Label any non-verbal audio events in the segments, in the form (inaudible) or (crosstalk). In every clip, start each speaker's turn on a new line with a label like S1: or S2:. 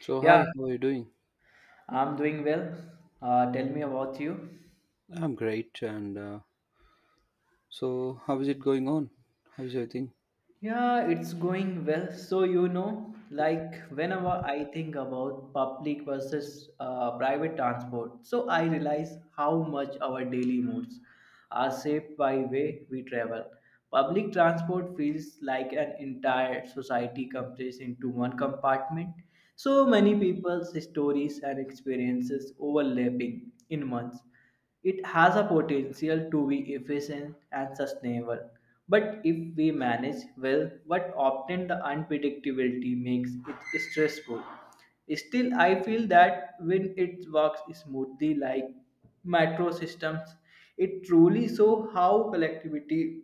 S1: So,
S2: Yeah,
S1: hi, how are you doing?
S2: I'm doing well. Tell me about you.
S1: I'm great. How is it going on? How is everything?
S2: Yeah, it's going well. So, you know, like whenever I think about public versus private transport, so I realize how much our daily moods are shaped by way we travel. Public transport feels like an entire society compressed into one compartment. So many people's stories and experiences overlapping in months. It has a potential to be efficient and sustainable. But if we manage well, but often the unpredictability makes it stressful. Still, I feel that when it works smoothly like metro systems, it truly shows how collectivity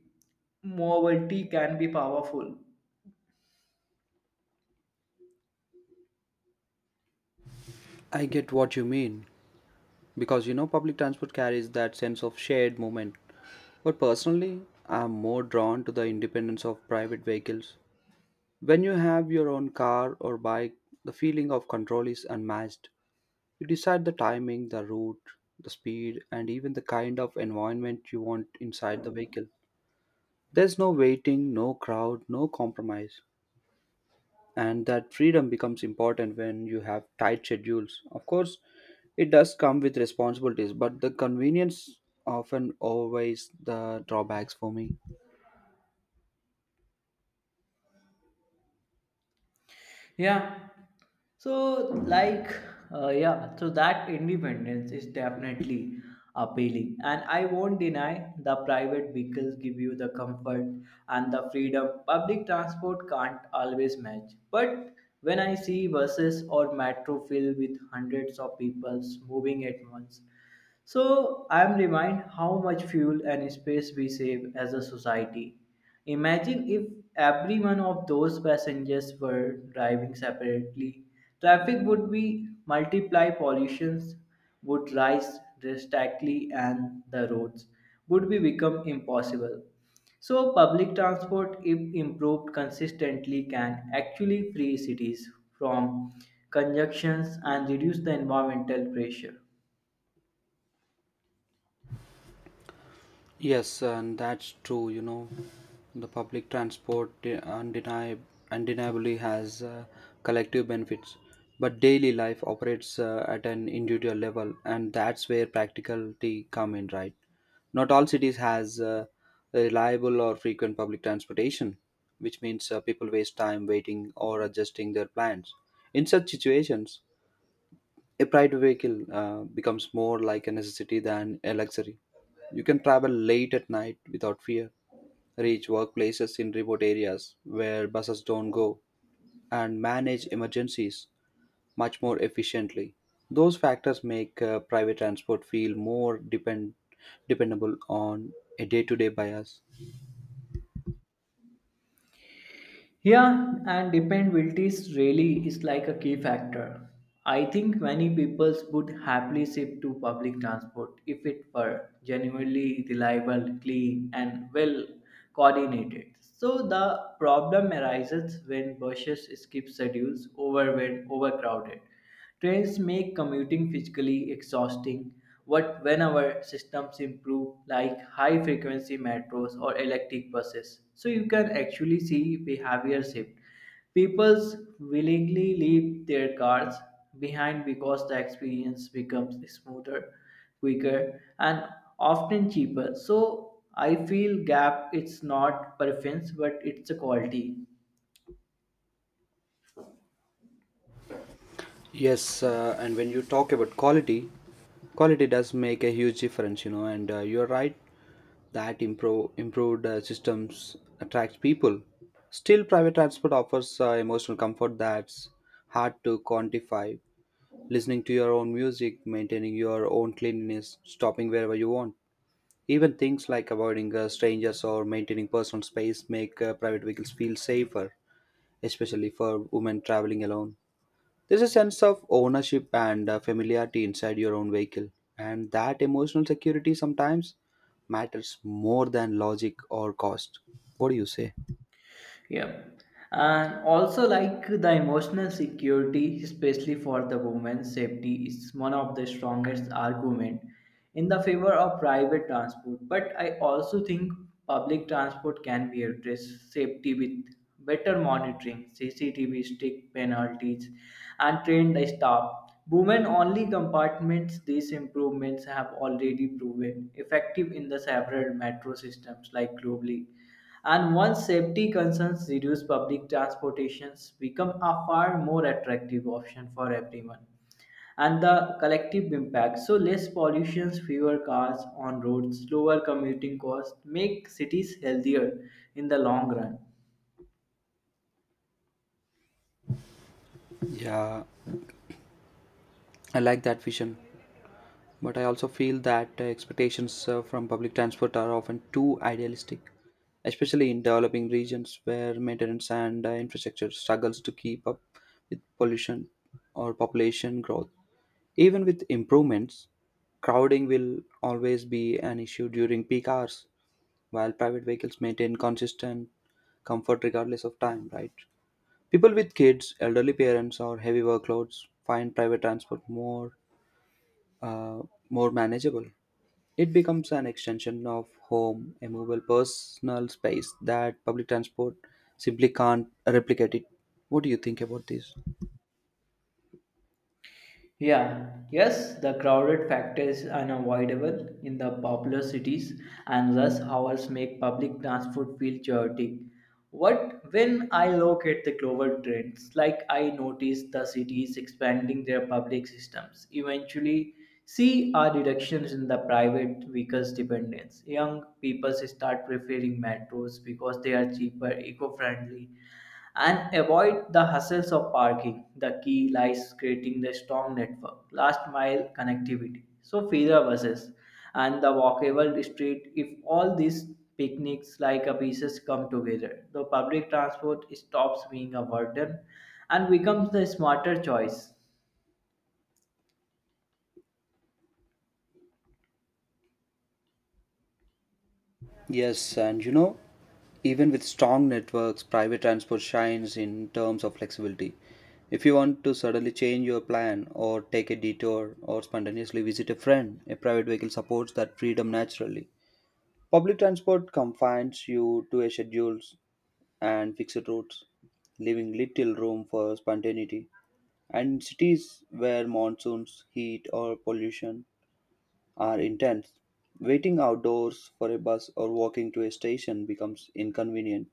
S2: mobility can be powerful.
S1: I get what you mean because you know, public transport carries that sense of shared moment. But personally, I'm more drawn to the independence of private vehicles. When you have your own car or bike, the feeling of control is unmatched. You decide the timing, the route, the speed, and even the kind of environment you want inside the vehicle. There's no waiting, no crowd, no compromise. And that freedom becomes important when you have tight schedules. Of course, it does come with responsibilities, but the convenience often outweighs the drawbacks for me.
S2: Yeah, So, like, yeah, so that independence is definitely appealing. And I won't deny the private vehicles give you the comfort and the freedom public transport can't always match. But when I see buses or metro filled with hundreds of people moving at once, so I am reminded how much fuel and space we save as a society. Imagine if every one of those passengers were driving separately. Traffic would be multiply, pollutions would rise drastically, and the roads would be become impossible. So public transport, if improved consistently, can actually free cities from conjunctions and reduce the environmental pressure.
S1: Yes, and that's true. You know, the public transport undeniably has collective benefits, but daily life operates at an individual level, and that's where practicality come in, right? Not all cities has reliable or frequent public transportation, which means people waste time waiting or adjusting their plans. In such situations, a private vehicle becomes more like a necessity than a luxury. You can travel late at night without fear, reach workplaces in remote areas where buses don't go, and manage emergencies much more efficiently. Those factors make private transport feel dependable on a day to day bias.
S2: Yeah, and dependabilities really is like a key factor. I think many people would happily shift to public transport if it were genuinely reliable, clean, and well coordinated. So the problem arises when buses skip schedules, overwhelmed, overcrowded trains make commuting physically exhausting, but when our systems improve, like high frequency metros or electric buses, so you can actually see behavior shift. People willingly leave their cars behind because the experience becomes smoother, quicker, and often cheaper. So I feel gap it's not preference but it's a quality.
S1: Yes, and when you talk about quality, quality does make a huge difference, you know, and you're right that improved systems attract people. Still, private transport offers emotional comfort that's hard to quantify. Listening to your own music, maintaining your own cleanliness, stopping wherever you want. Even things like avoiding strangers or maintaining personal space make private vehicles feel safer, especially for women traveling alone. There's a sense of ownership and familiarity inside your own vehicle, and that emotional security sometimes matters more than logic or cost. What do you say?
S2: Yeah. And also, like the emotional security, especially for the women's safety, is one of the strongest argument in the favor of private transport. But I also think public transport can be addressed safety with better monitoring, CCTV, strict penalties, and trained staff. Women only compartments, these improvements have already proven effective in the several metro systems like globally. And once safety concerns reduce, public transportations become a far more attractive option for everyone. And the collective impact so, less pollution, fewer cars on roads, lower commuting costs make cities healthier in the long run.
S1: Yeah, I like that vision, but I also feel that expectations from public transport are often too idealistic, especially in developing regions where maintenance and infrastructure struggles to keep up with pollution or population growth. Even with improvements, crowding will always be an issue during peak hours, while private vehicles maintain consistent comfort regardless of time, right? People with kids, elderly parents, or heavy workloads find private transport uh, more manageable. It becomes an extension of home, a movable personal space that public transport simply can't replicate it. What do you think about this?
S2: Yeah, yes, the crowded factor is unavoidable in the popular cities, and rush hours make public transport feel chaotic. What when I look at the global trends, like I notice the cities expanding their public systems, eventually see a reductions in the private vehicles dependence. Young people start preferring metros because they are cheaper, eco-friendly, and avoid the hassles of parking. The key lies creating the strong network, last mile connectivity. So feeder buses and the walkable street. If all these picnics like a pieces come together, the public transport stops being a burden and becomes the smarter choice.
S1: Yes, and you know, even with strong networks, private transport shines in terms of flexibility. If you want to suddenly change your plan or take a detour or spontaneously visit a friend, a private vehicle supports that freedom naturally. Public transport confines you to a schedules and fixed routes, leaving little room for spontaneity. And cities where monsoons, heat, or pollution are intense. Waiting outdoors for a bus or walking to a station becomes inconvenient.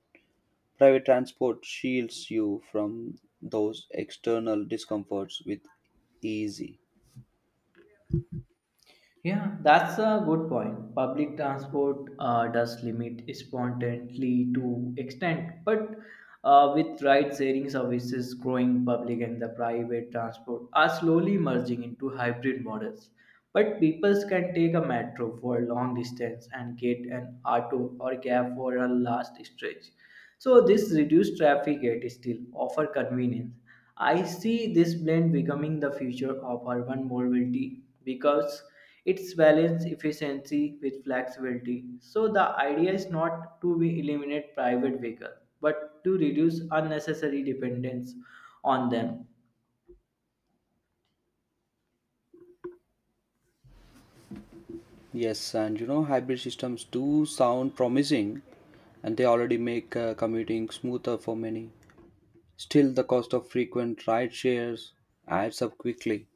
S1: Private transport shields you from those external discomforts with easy.
S2: Yeah, that's a good point. Public transport does limit spontaneously to extent, but with ride-sharing services growing, public and the private transport are slowly merging into hybrid models. But people can take a metro for a long distance and get an auto or cab for a last stretch. So this reduced traffic yet still offer convenience. I see this blend becoming the future of urban mobility because it's balance efficiency with flexibility. So the idea is not to be eliminate private vehicle but to reduce unnecessary dependence on them.
S1: Yes, and you know, hybrid systems do sound promising and they already make commuting smoother for many. Still, the cost of frequent ride shares adds up quickly,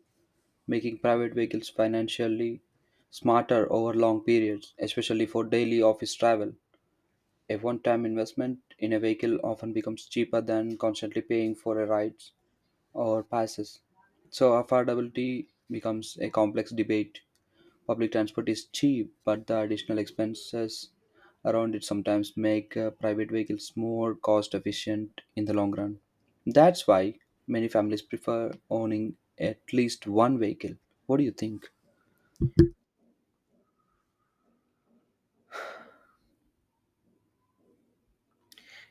S1: making private vehicles financially smarter over long periods, especially for daily office travel. A one-time investment in a vehicle often becomes cheaper than constantly paying for a rides or passes. So affordability becomes a complex debate. Public transport is cheap, but the additional expenses around it sometimes make private vehicles more cost efficient in the long run. That's why many families prefer owning at least one vehicle. What do you think?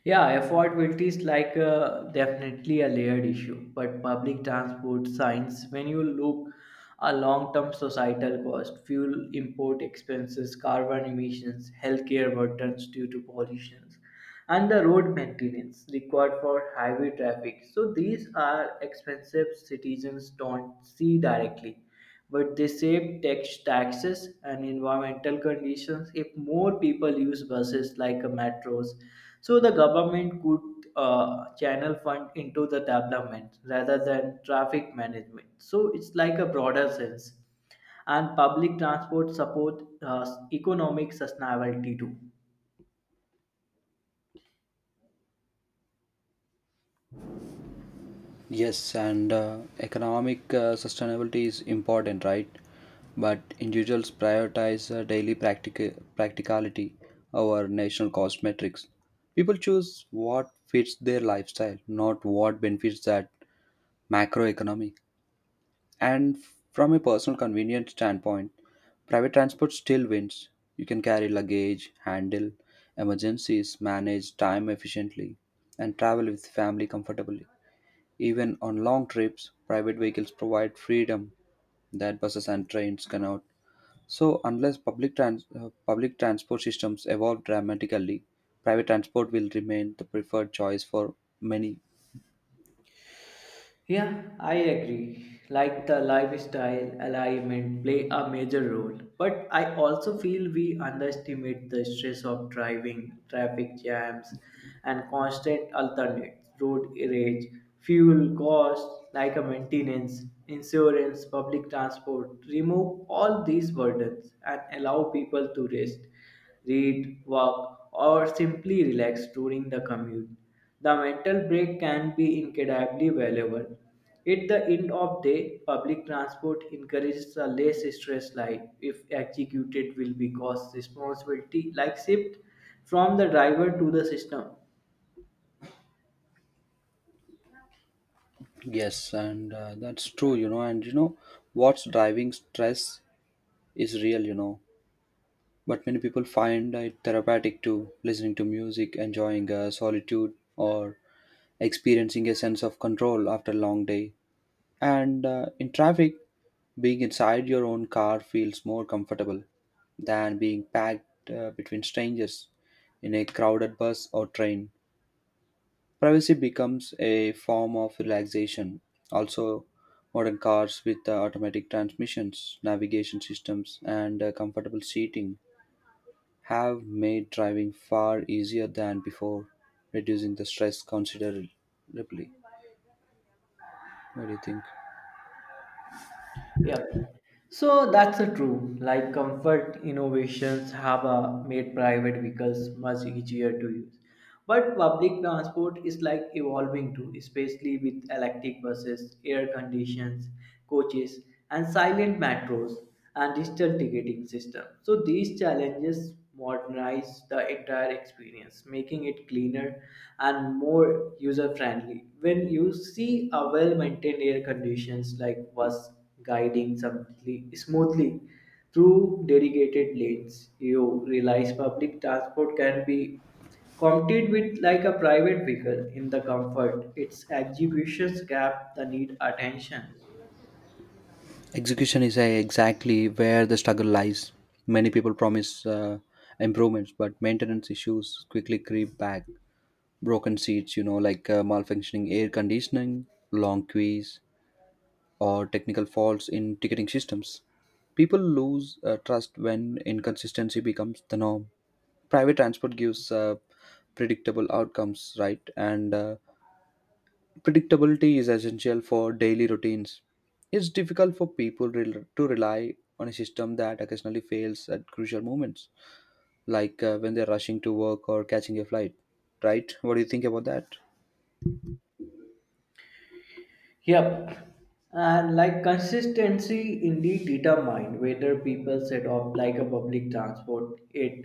S2: Yeah, affordability is like definitely a layered issue, but public transport signs, when you look a long-term societal cost, fuel import expenses, carbon emissions, healthcare burdens due to pollutions, and the road maintenance required for highway traffic. So these are expensive citizens don't see directly but they save taxes and environmental conditions if more people use buses like metros. So the government could channel fund into the development rather than traffic management. So it's like a broader sense, and public transport support economic sustainability too.
S1: Yes, and Economic sustainability is important, right? But individuals prioritize daily practicality over national cost metrics. People choose what fits their lifestyle, not what benefits that macroeconomy. And from a personal convenience standpoint, private transport still wins. You can carry luggage, handle emergencies, manage time efficiently, and travel with family comfortably. Even on long trips, private vehicles provide freedom that buses and trains cannot. So, unless public transport systems evolve dramatically, private transport will remain the preferred choice for many.
S2: Yeah, I agree. Like the lifestyle alignment play a major role, but I also feel we underestimate the stress of driving, traffic jams, and constant alternate road rage, fuel costs like a maintenance, insurance, public transport. Remove all these burdens and allow people to rest read, walk, or simply relax during the commute. The mental break can be incredibly valuable. At the end of day, public transport encourages a less stress life if executed will because responsibility like shift from the driver to the system.
S1: Yes, and That's true, you know. And you know, what's driving stress is real, you know. But many people find it therapeutic to listening to music, enjoying solitude, or experiencing a sense of control after a long day. And in traffic, being inside your own car feels more comfortable than being packed between strangers in a crowded bus or train. Privacy becomes a form of relaxation. Also, modern cars with automatic transmissions, navigation systems, and comfortable seating have made driving far easier than before, reducing the stress considerably. What do you think?
S2: Yeah. So that's a true. Like comfort innovations have made private vehicles much easier to use. But public transport is like evolving too, especially with electric buses, air conditions, coaches, and silent metros and digital ticketing system. So these challenges modernize the entire experience, making it cleaner and more user friendly. When you see a well maintained air conditions like bus guiding smoothly through dedicated lanes. You realize public transport can be competed with like a private vehicle in the comfort. Its executions gap the need attention.
S1: Execution is exactly where the struggle lies. Many people promise improvements, but maintenance issues quickly creep back. Broken seats, you know, like malfunctioning air conditioning, long queues, or technical faults in ticketing systems. People lose trust when inconsistency becomes the norm. Private transport gives predictable outcomes, right? And Predictability is essential for daily routines. It's difficult for to rely on a system that occasionally fails at crucial moments, like when they're rushing to work or catching a flight. Right? What do you think about that?
S2: Yep, and like consistency indeed determine whether people set off like a public transport it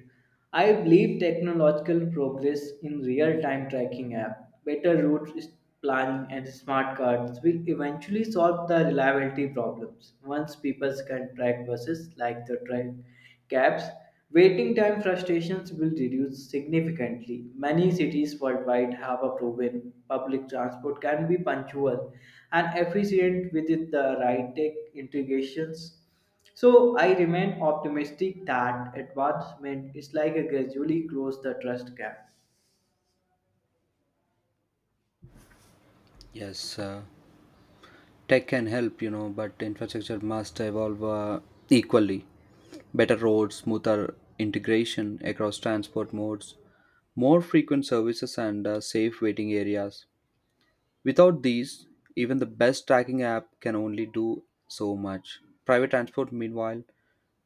S2: I believe technological progress in real time tracking app better planning and smart cards will eventually solve the reliability problems once people can track buses like the train caps, waiting time frustrations will reduce significantly. Many cities worldwide have a proven public transport can be punctual and efficient with the right tech integrations. So I remain optimistic that advancement is like a gradually close the trust gap.
S1: Yes, uh, Tech can help, you know, but infrastructure must evolve equally. Better roads, smoother integration across transport modes, more frequent services, and safe waiting areas. Without these, even the best tracking app can only do so much. Private transport, meanwhile,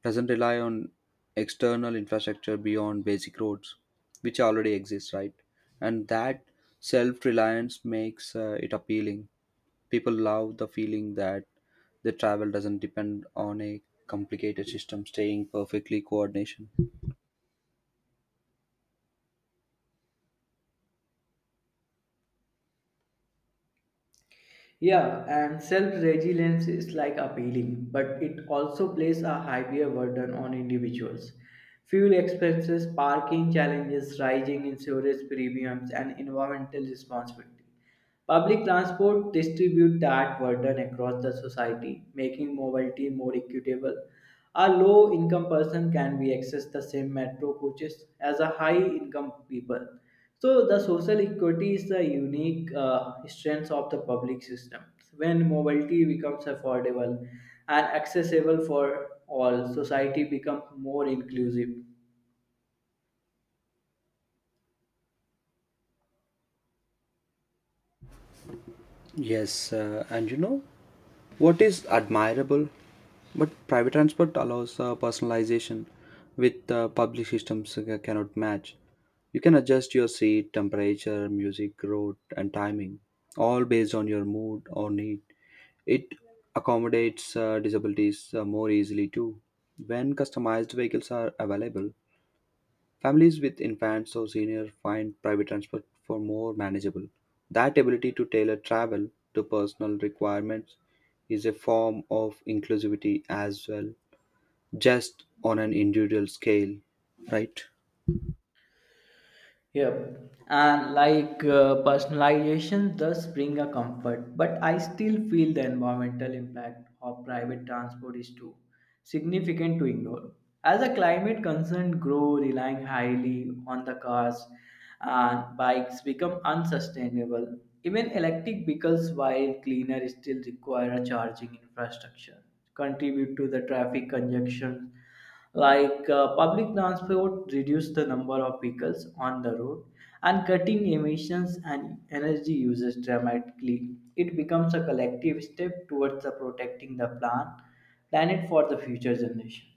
S1: doesn't rely on external infrastructure beyond basic roads, which already exist, right? And that self reliance makes it appealing. People love the feeling that the travel doesn't depend on a complicated system staying perfectly coordination.
S2: Yeah, and self-resilience is like appealing, but it also places a heavier burden on individuals. Fuel expenses, parking challenges, rising insurance premiums, and environmental responsibility. Public transport distribute that burden across the society, making mobility more equitable. A low-income person can be access the same metro coaches as a high-income people so the social equity is the unique strength of the public system. When mobility becomes affordable and accessible for all, society becomes more inclusive.
S1: Yes, uh, and you know, What is admirable, but private transport allows personalization with public systems cannot match. You can adjust your seat, temperature, music, route, and timing, all based on your mood or need. It accommodates disabilities more easily too. When customized vehicles are available, families with infants or seniors find private transport for more manageable. That ability to tailor travel to personal requirements is a form of inclusivity as well, just on an individual scale, right?
S2: Yep, and like personalization does bring a comfort but I still feel the environmental impact of private transport is too significant to ignore as a climate concern grow relying highly on the cars and bikes become unsustainable even electric vehicles while cleaner still require a charging infrastructure contribute to the traffic congestion like public transport reduce the number of vehicles on the road and cutting emissions and energy uses dramatically it becomes a collective step towards the protecting the planet for the future generation.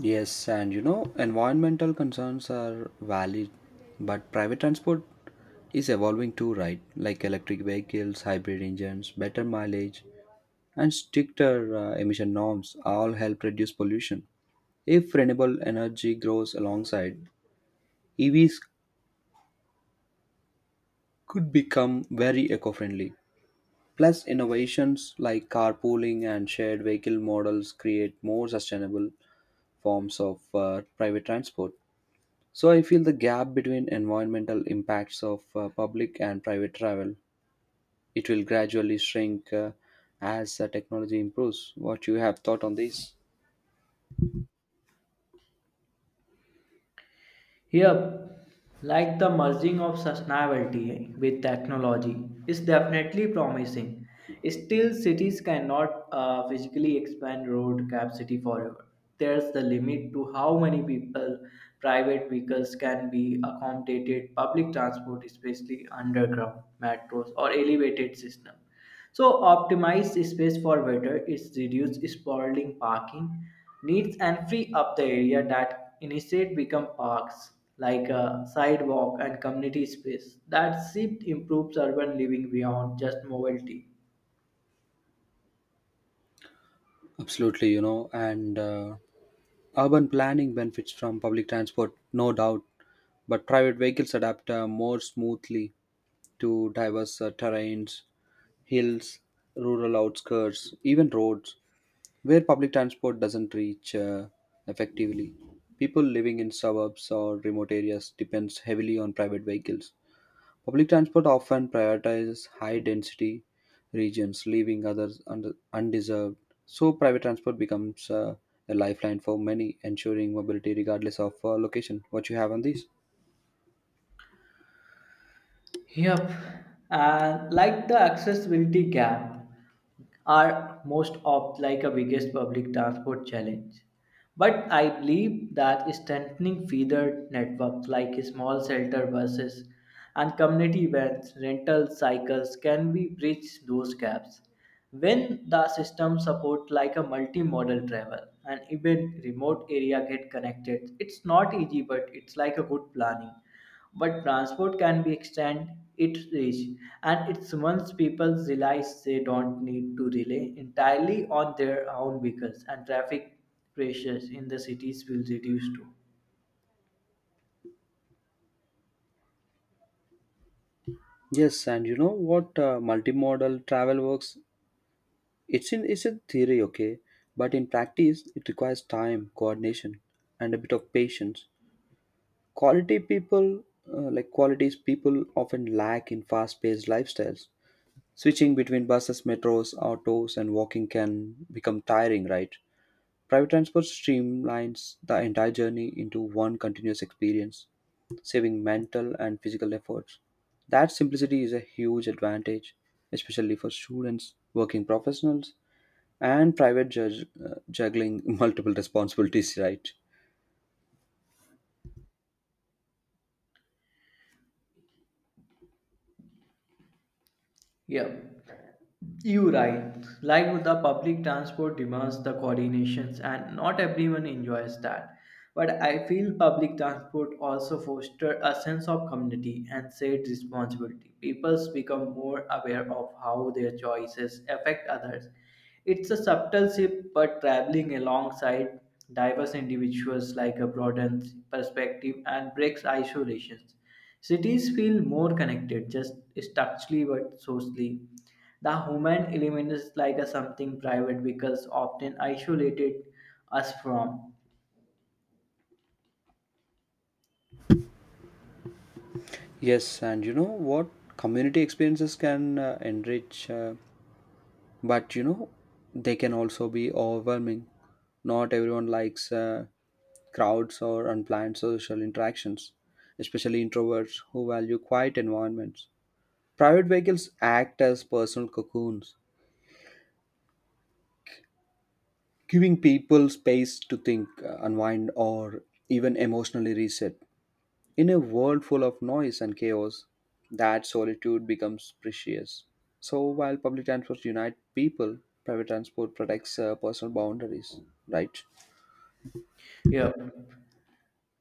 S1: Yes, and you know, environmental concerns are valid, but private transport is evolving too, right? Like electric vehicles, hybrid engines, better mileage, and stricter emission norms all help reduce pollution. If renewable energy grows alongside, EVs could become very eco friendly. Plus, innovations like carpooling and shared vehicle models create more sustainable forms of private transport. So, I feel the gap between environmental impacts of public and private travel it will gradually shrink as technology improves. What you have thought on this?
S2: Yep, like the merging of sustainability with technology is definitely promising. Still, cities cannot physically expand road capacity forever. There's the limit to how many people private vehicles can be accommodated public transport, especially underground metros or elevated system. So optimize space for water is reduce sprawling parking needs and free up the area that instead become parks like a sidewalk and community space. That shift improves urban living beyond just mobility.
S1: Absolutely, you know, and urban planning benefits from public transport, no doubt, but private vehicles adapt more smoothly to diverse terrains, hills, rural outskirts, even roads, where public transport doesn't reach effectively. People living in suburbs or remote areas depends heavily on private vehicles. Public transport often prioritizes high-density regions, leaving others undeserved, so private transport becomes a lifeline for many, ensuring mobility regardless of location. What you have on this?
S2: Yep. Like the accessibility gap are most of like a biggest public transport challenge. But I believe that strengthening feeder networks like small shelter buses and community vans, rental cycles can be bridge those gaps. When the system support like a multimodal travel and even remote area get connected, it's not easy but it's like a good planning but transport can be extend its reach and it's once people realize they don't need to rely entirely on their own vehicles and traffic pressures in the cities will reduce too.
S1: Yes, and you know what multimodal travel works? It's in theory, okay, but in practice, it requires time, coordination, and a bit of patience. Quality people, qualities people, often lack in fast-paced lifestyles. Switching between buses, metros, autos, and walking can become tiring, right? Private transport streamlines the entire journey into one continuous experience, saving mental and physical efforts. That simplicity is a huge advantage, especially for students, working professionals, and private judge, juggling (laughs) multiple responsibilities, right?
S2: Yeah, you right. Like with the public transport demands the coordinations and not everyone enjoys that. But I feel public transport also foster a sense of community and shared responsibility. People become more aware of how their choices affect others. It's a subtle shift, but traveling alongside diverse individuals like a broadens perspective and breaks isolations. Cities feel more connected, just structurally but socially the human element is like a something private because often isolated us from
S1: Yes, and you know what? Community experiences can enrich. But you know, they can also be overwhelming. Not everyone likes crowds or unplanned social interactions, especially introverts who value quiet environments. Private vehicles act as personal cocoons, giving people space to think, unwind, or even emotionally reset. In a world full of noise and chaos, that solitude becomes precious. So while public transport unites people, private transport protects personal boundaries, right?
S2: here.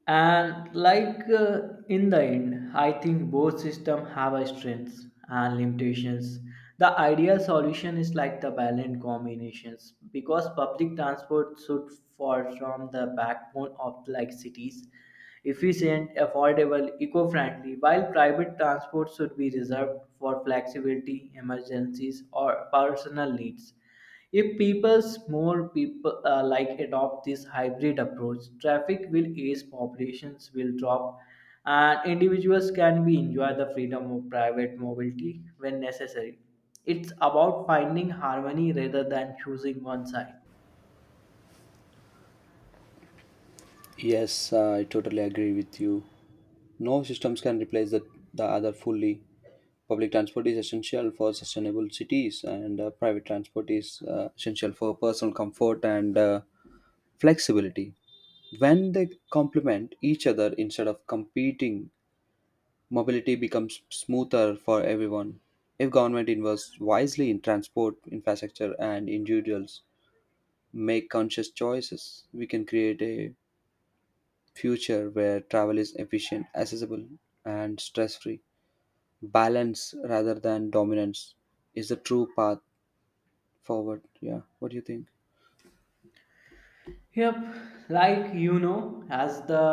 S2: And like in the end I think both system have a strengths and limitations the ideal solution is like the balanced combinations because public transport should form the backbone of like cities efficient affordable eco-friendly while private transport should be reserved for flexibility emergencies or personal needs if people's more people like adopt this hybrid approach, traffic will ease, populations will drop, and individuals can be enjoy the freedom of private mobility when necessary. It's about finding harmony rather than choosing one side.
S1: Yes, I totally agree with you. No systems can replace the other fully. Public transport is essential for sustainable cities, and private transport is essential for personal comfort and flexibility. When they complement each other instead of competing, mobility becomes smoother for everyone. If government invests wisely in transport infrastructure and individuals make conscious choices, we can create a future where travel is efficient, accessible, and stress free. Balance rather than dominance is the true path forward. Yeah, what do you think?
S2: Yep, like you know, as the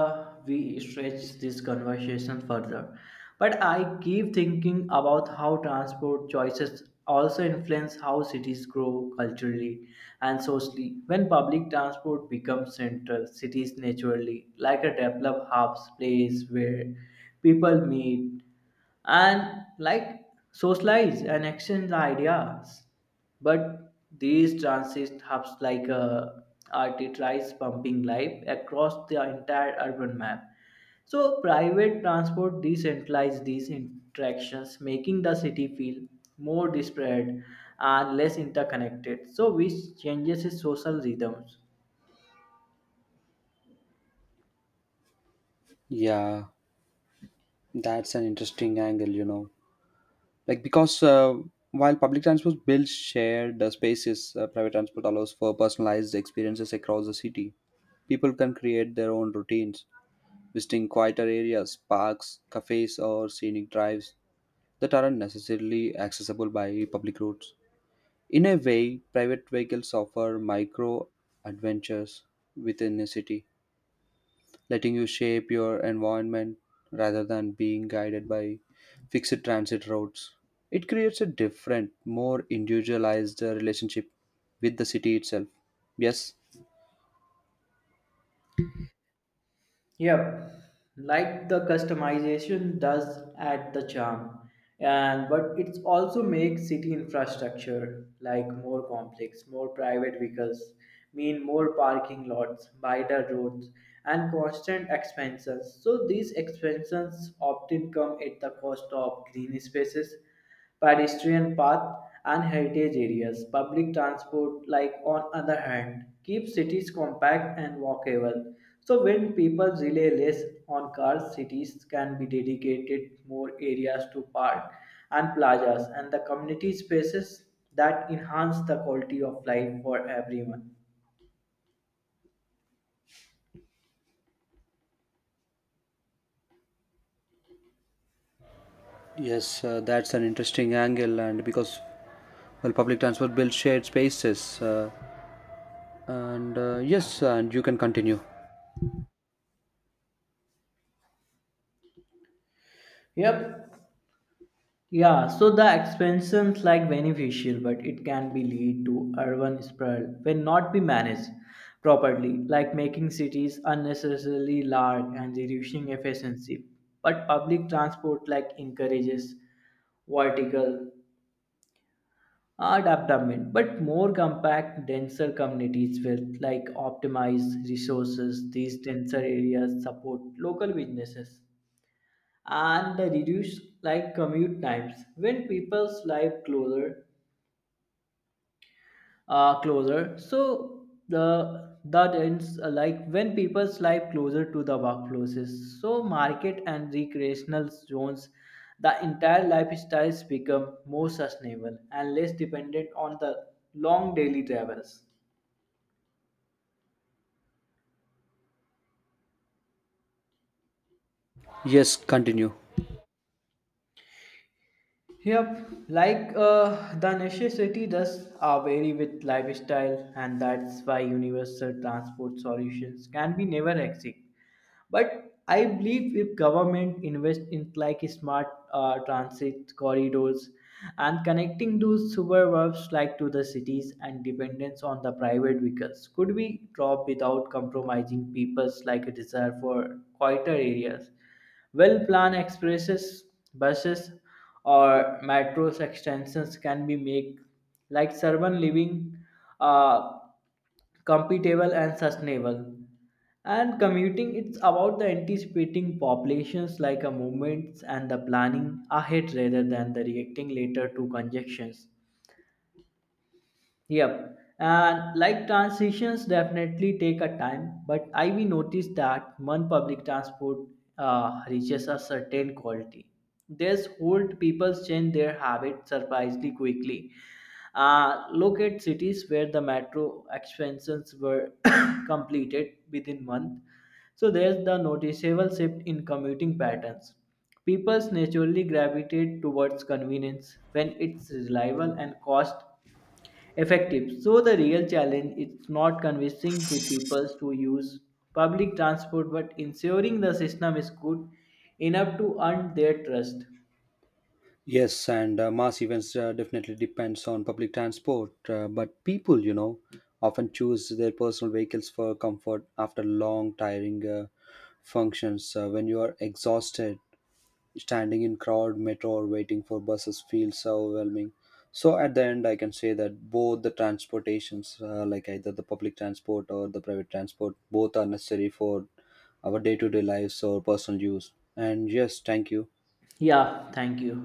S2: we stretch this conversation further, but I keep thinking about how transport choices also influence how cities grow culturally and socially. When public transport becomes central, cities naturally, like a developed hubs place where people meet, and like socialize and exchange the ideas but these transit hubs like arteries pumping life across the entire urban map so private transport decentralized these interactions making the city feel more disparate and less interconnected so which changes its social rhythms.
S1: Yeah, that's an interesting angle, you know. Like, because while public transport builds shared spaces, private transport allows for personalized experiences across the city. People can create their own routines, visiting quieter areas, parks, cafes, or scenic drives that aren't necessarily accessible by public roads. In a way, private vehicles offer micro adventures within a city, letting you shape your environment rather than being guided by fixed transit routes. It creates a different, more individualized relationship with the city itself. Yes,
S2: Yep, like the customization does add the charm, and but it also makes city infrastructure like more complex, more private vehicles, mean more parking lots, wider roads, and constant expenses. So these expenses often come at the cost of green spaces pedestrian paths, and heritage areas. Public transport, like on other hand, keeps cities compact and walkable. So when people rely less on cars, cities can be dedicated more areas to parks and plazas and the community spaces that enhance the quality of life for everyone.
S1: yes, that's an interesting angle, and because well, public transport builds shared spaces, and yes, and you can continue.
S2: Yep, Yeah, so the expansions like beneficial, but it can be lead to urban sprawl when not be managed properly, like making cities unnecessarily large and reducing efficiency. But public transport like encourages vertical development, but more compact, denser communities with like optimized resources. These denser areas support local businesses and reduce like commute times when people's live closer so the that ends like when people's live closer to the workplaces so market and recreational zones the entire lifestyles become more sustainable and less dependent on the long daily travels.
S1: Yes, continue.
S2: Yep, like the necessity does vary with lifestyle, and that's why universal transport solutions can be never exist. But I believe if government invest in like smart transit corridors and connecting those suburbs like to the cities and dependence on the private vehicles could be dropped without compromising people's like a desire for quieter areas. Well planned expresses, buses, or metros extensions can be made like urban living uh, compatible and sustainable and commuting it's about the anticipating populations like a movements and the planning ahead rather than the reacting later to conjunctions. Yep. And like transitions definitely take a time, but I we noticed that when public transport reaches a certain quality, this hold people change their habits surprisingly quickly locate cities where the metro expansions were (coughs) completed within month. So there's the noticeable shift in commuting patterns. People naturally gravitate towards convenience when it's reliable and cost effective. So the real challenge is not convincing the people to use public transport but ensuring the system is good enough to earn their trust.
S1: Yes, and Mass events definitely depends on public transport, but people, you know, often choose their personal vehicles for comfort after long, tiring functions. When you are exhausted, standing in crowd, metro, or waiting for buses feels so overwhelming. So at the end, I can say that both the transportations, like either the public transport or the private transport, both are necessary for our day-to-day lives or personal use. And yes, thank you.
S2: Yeah, thank you.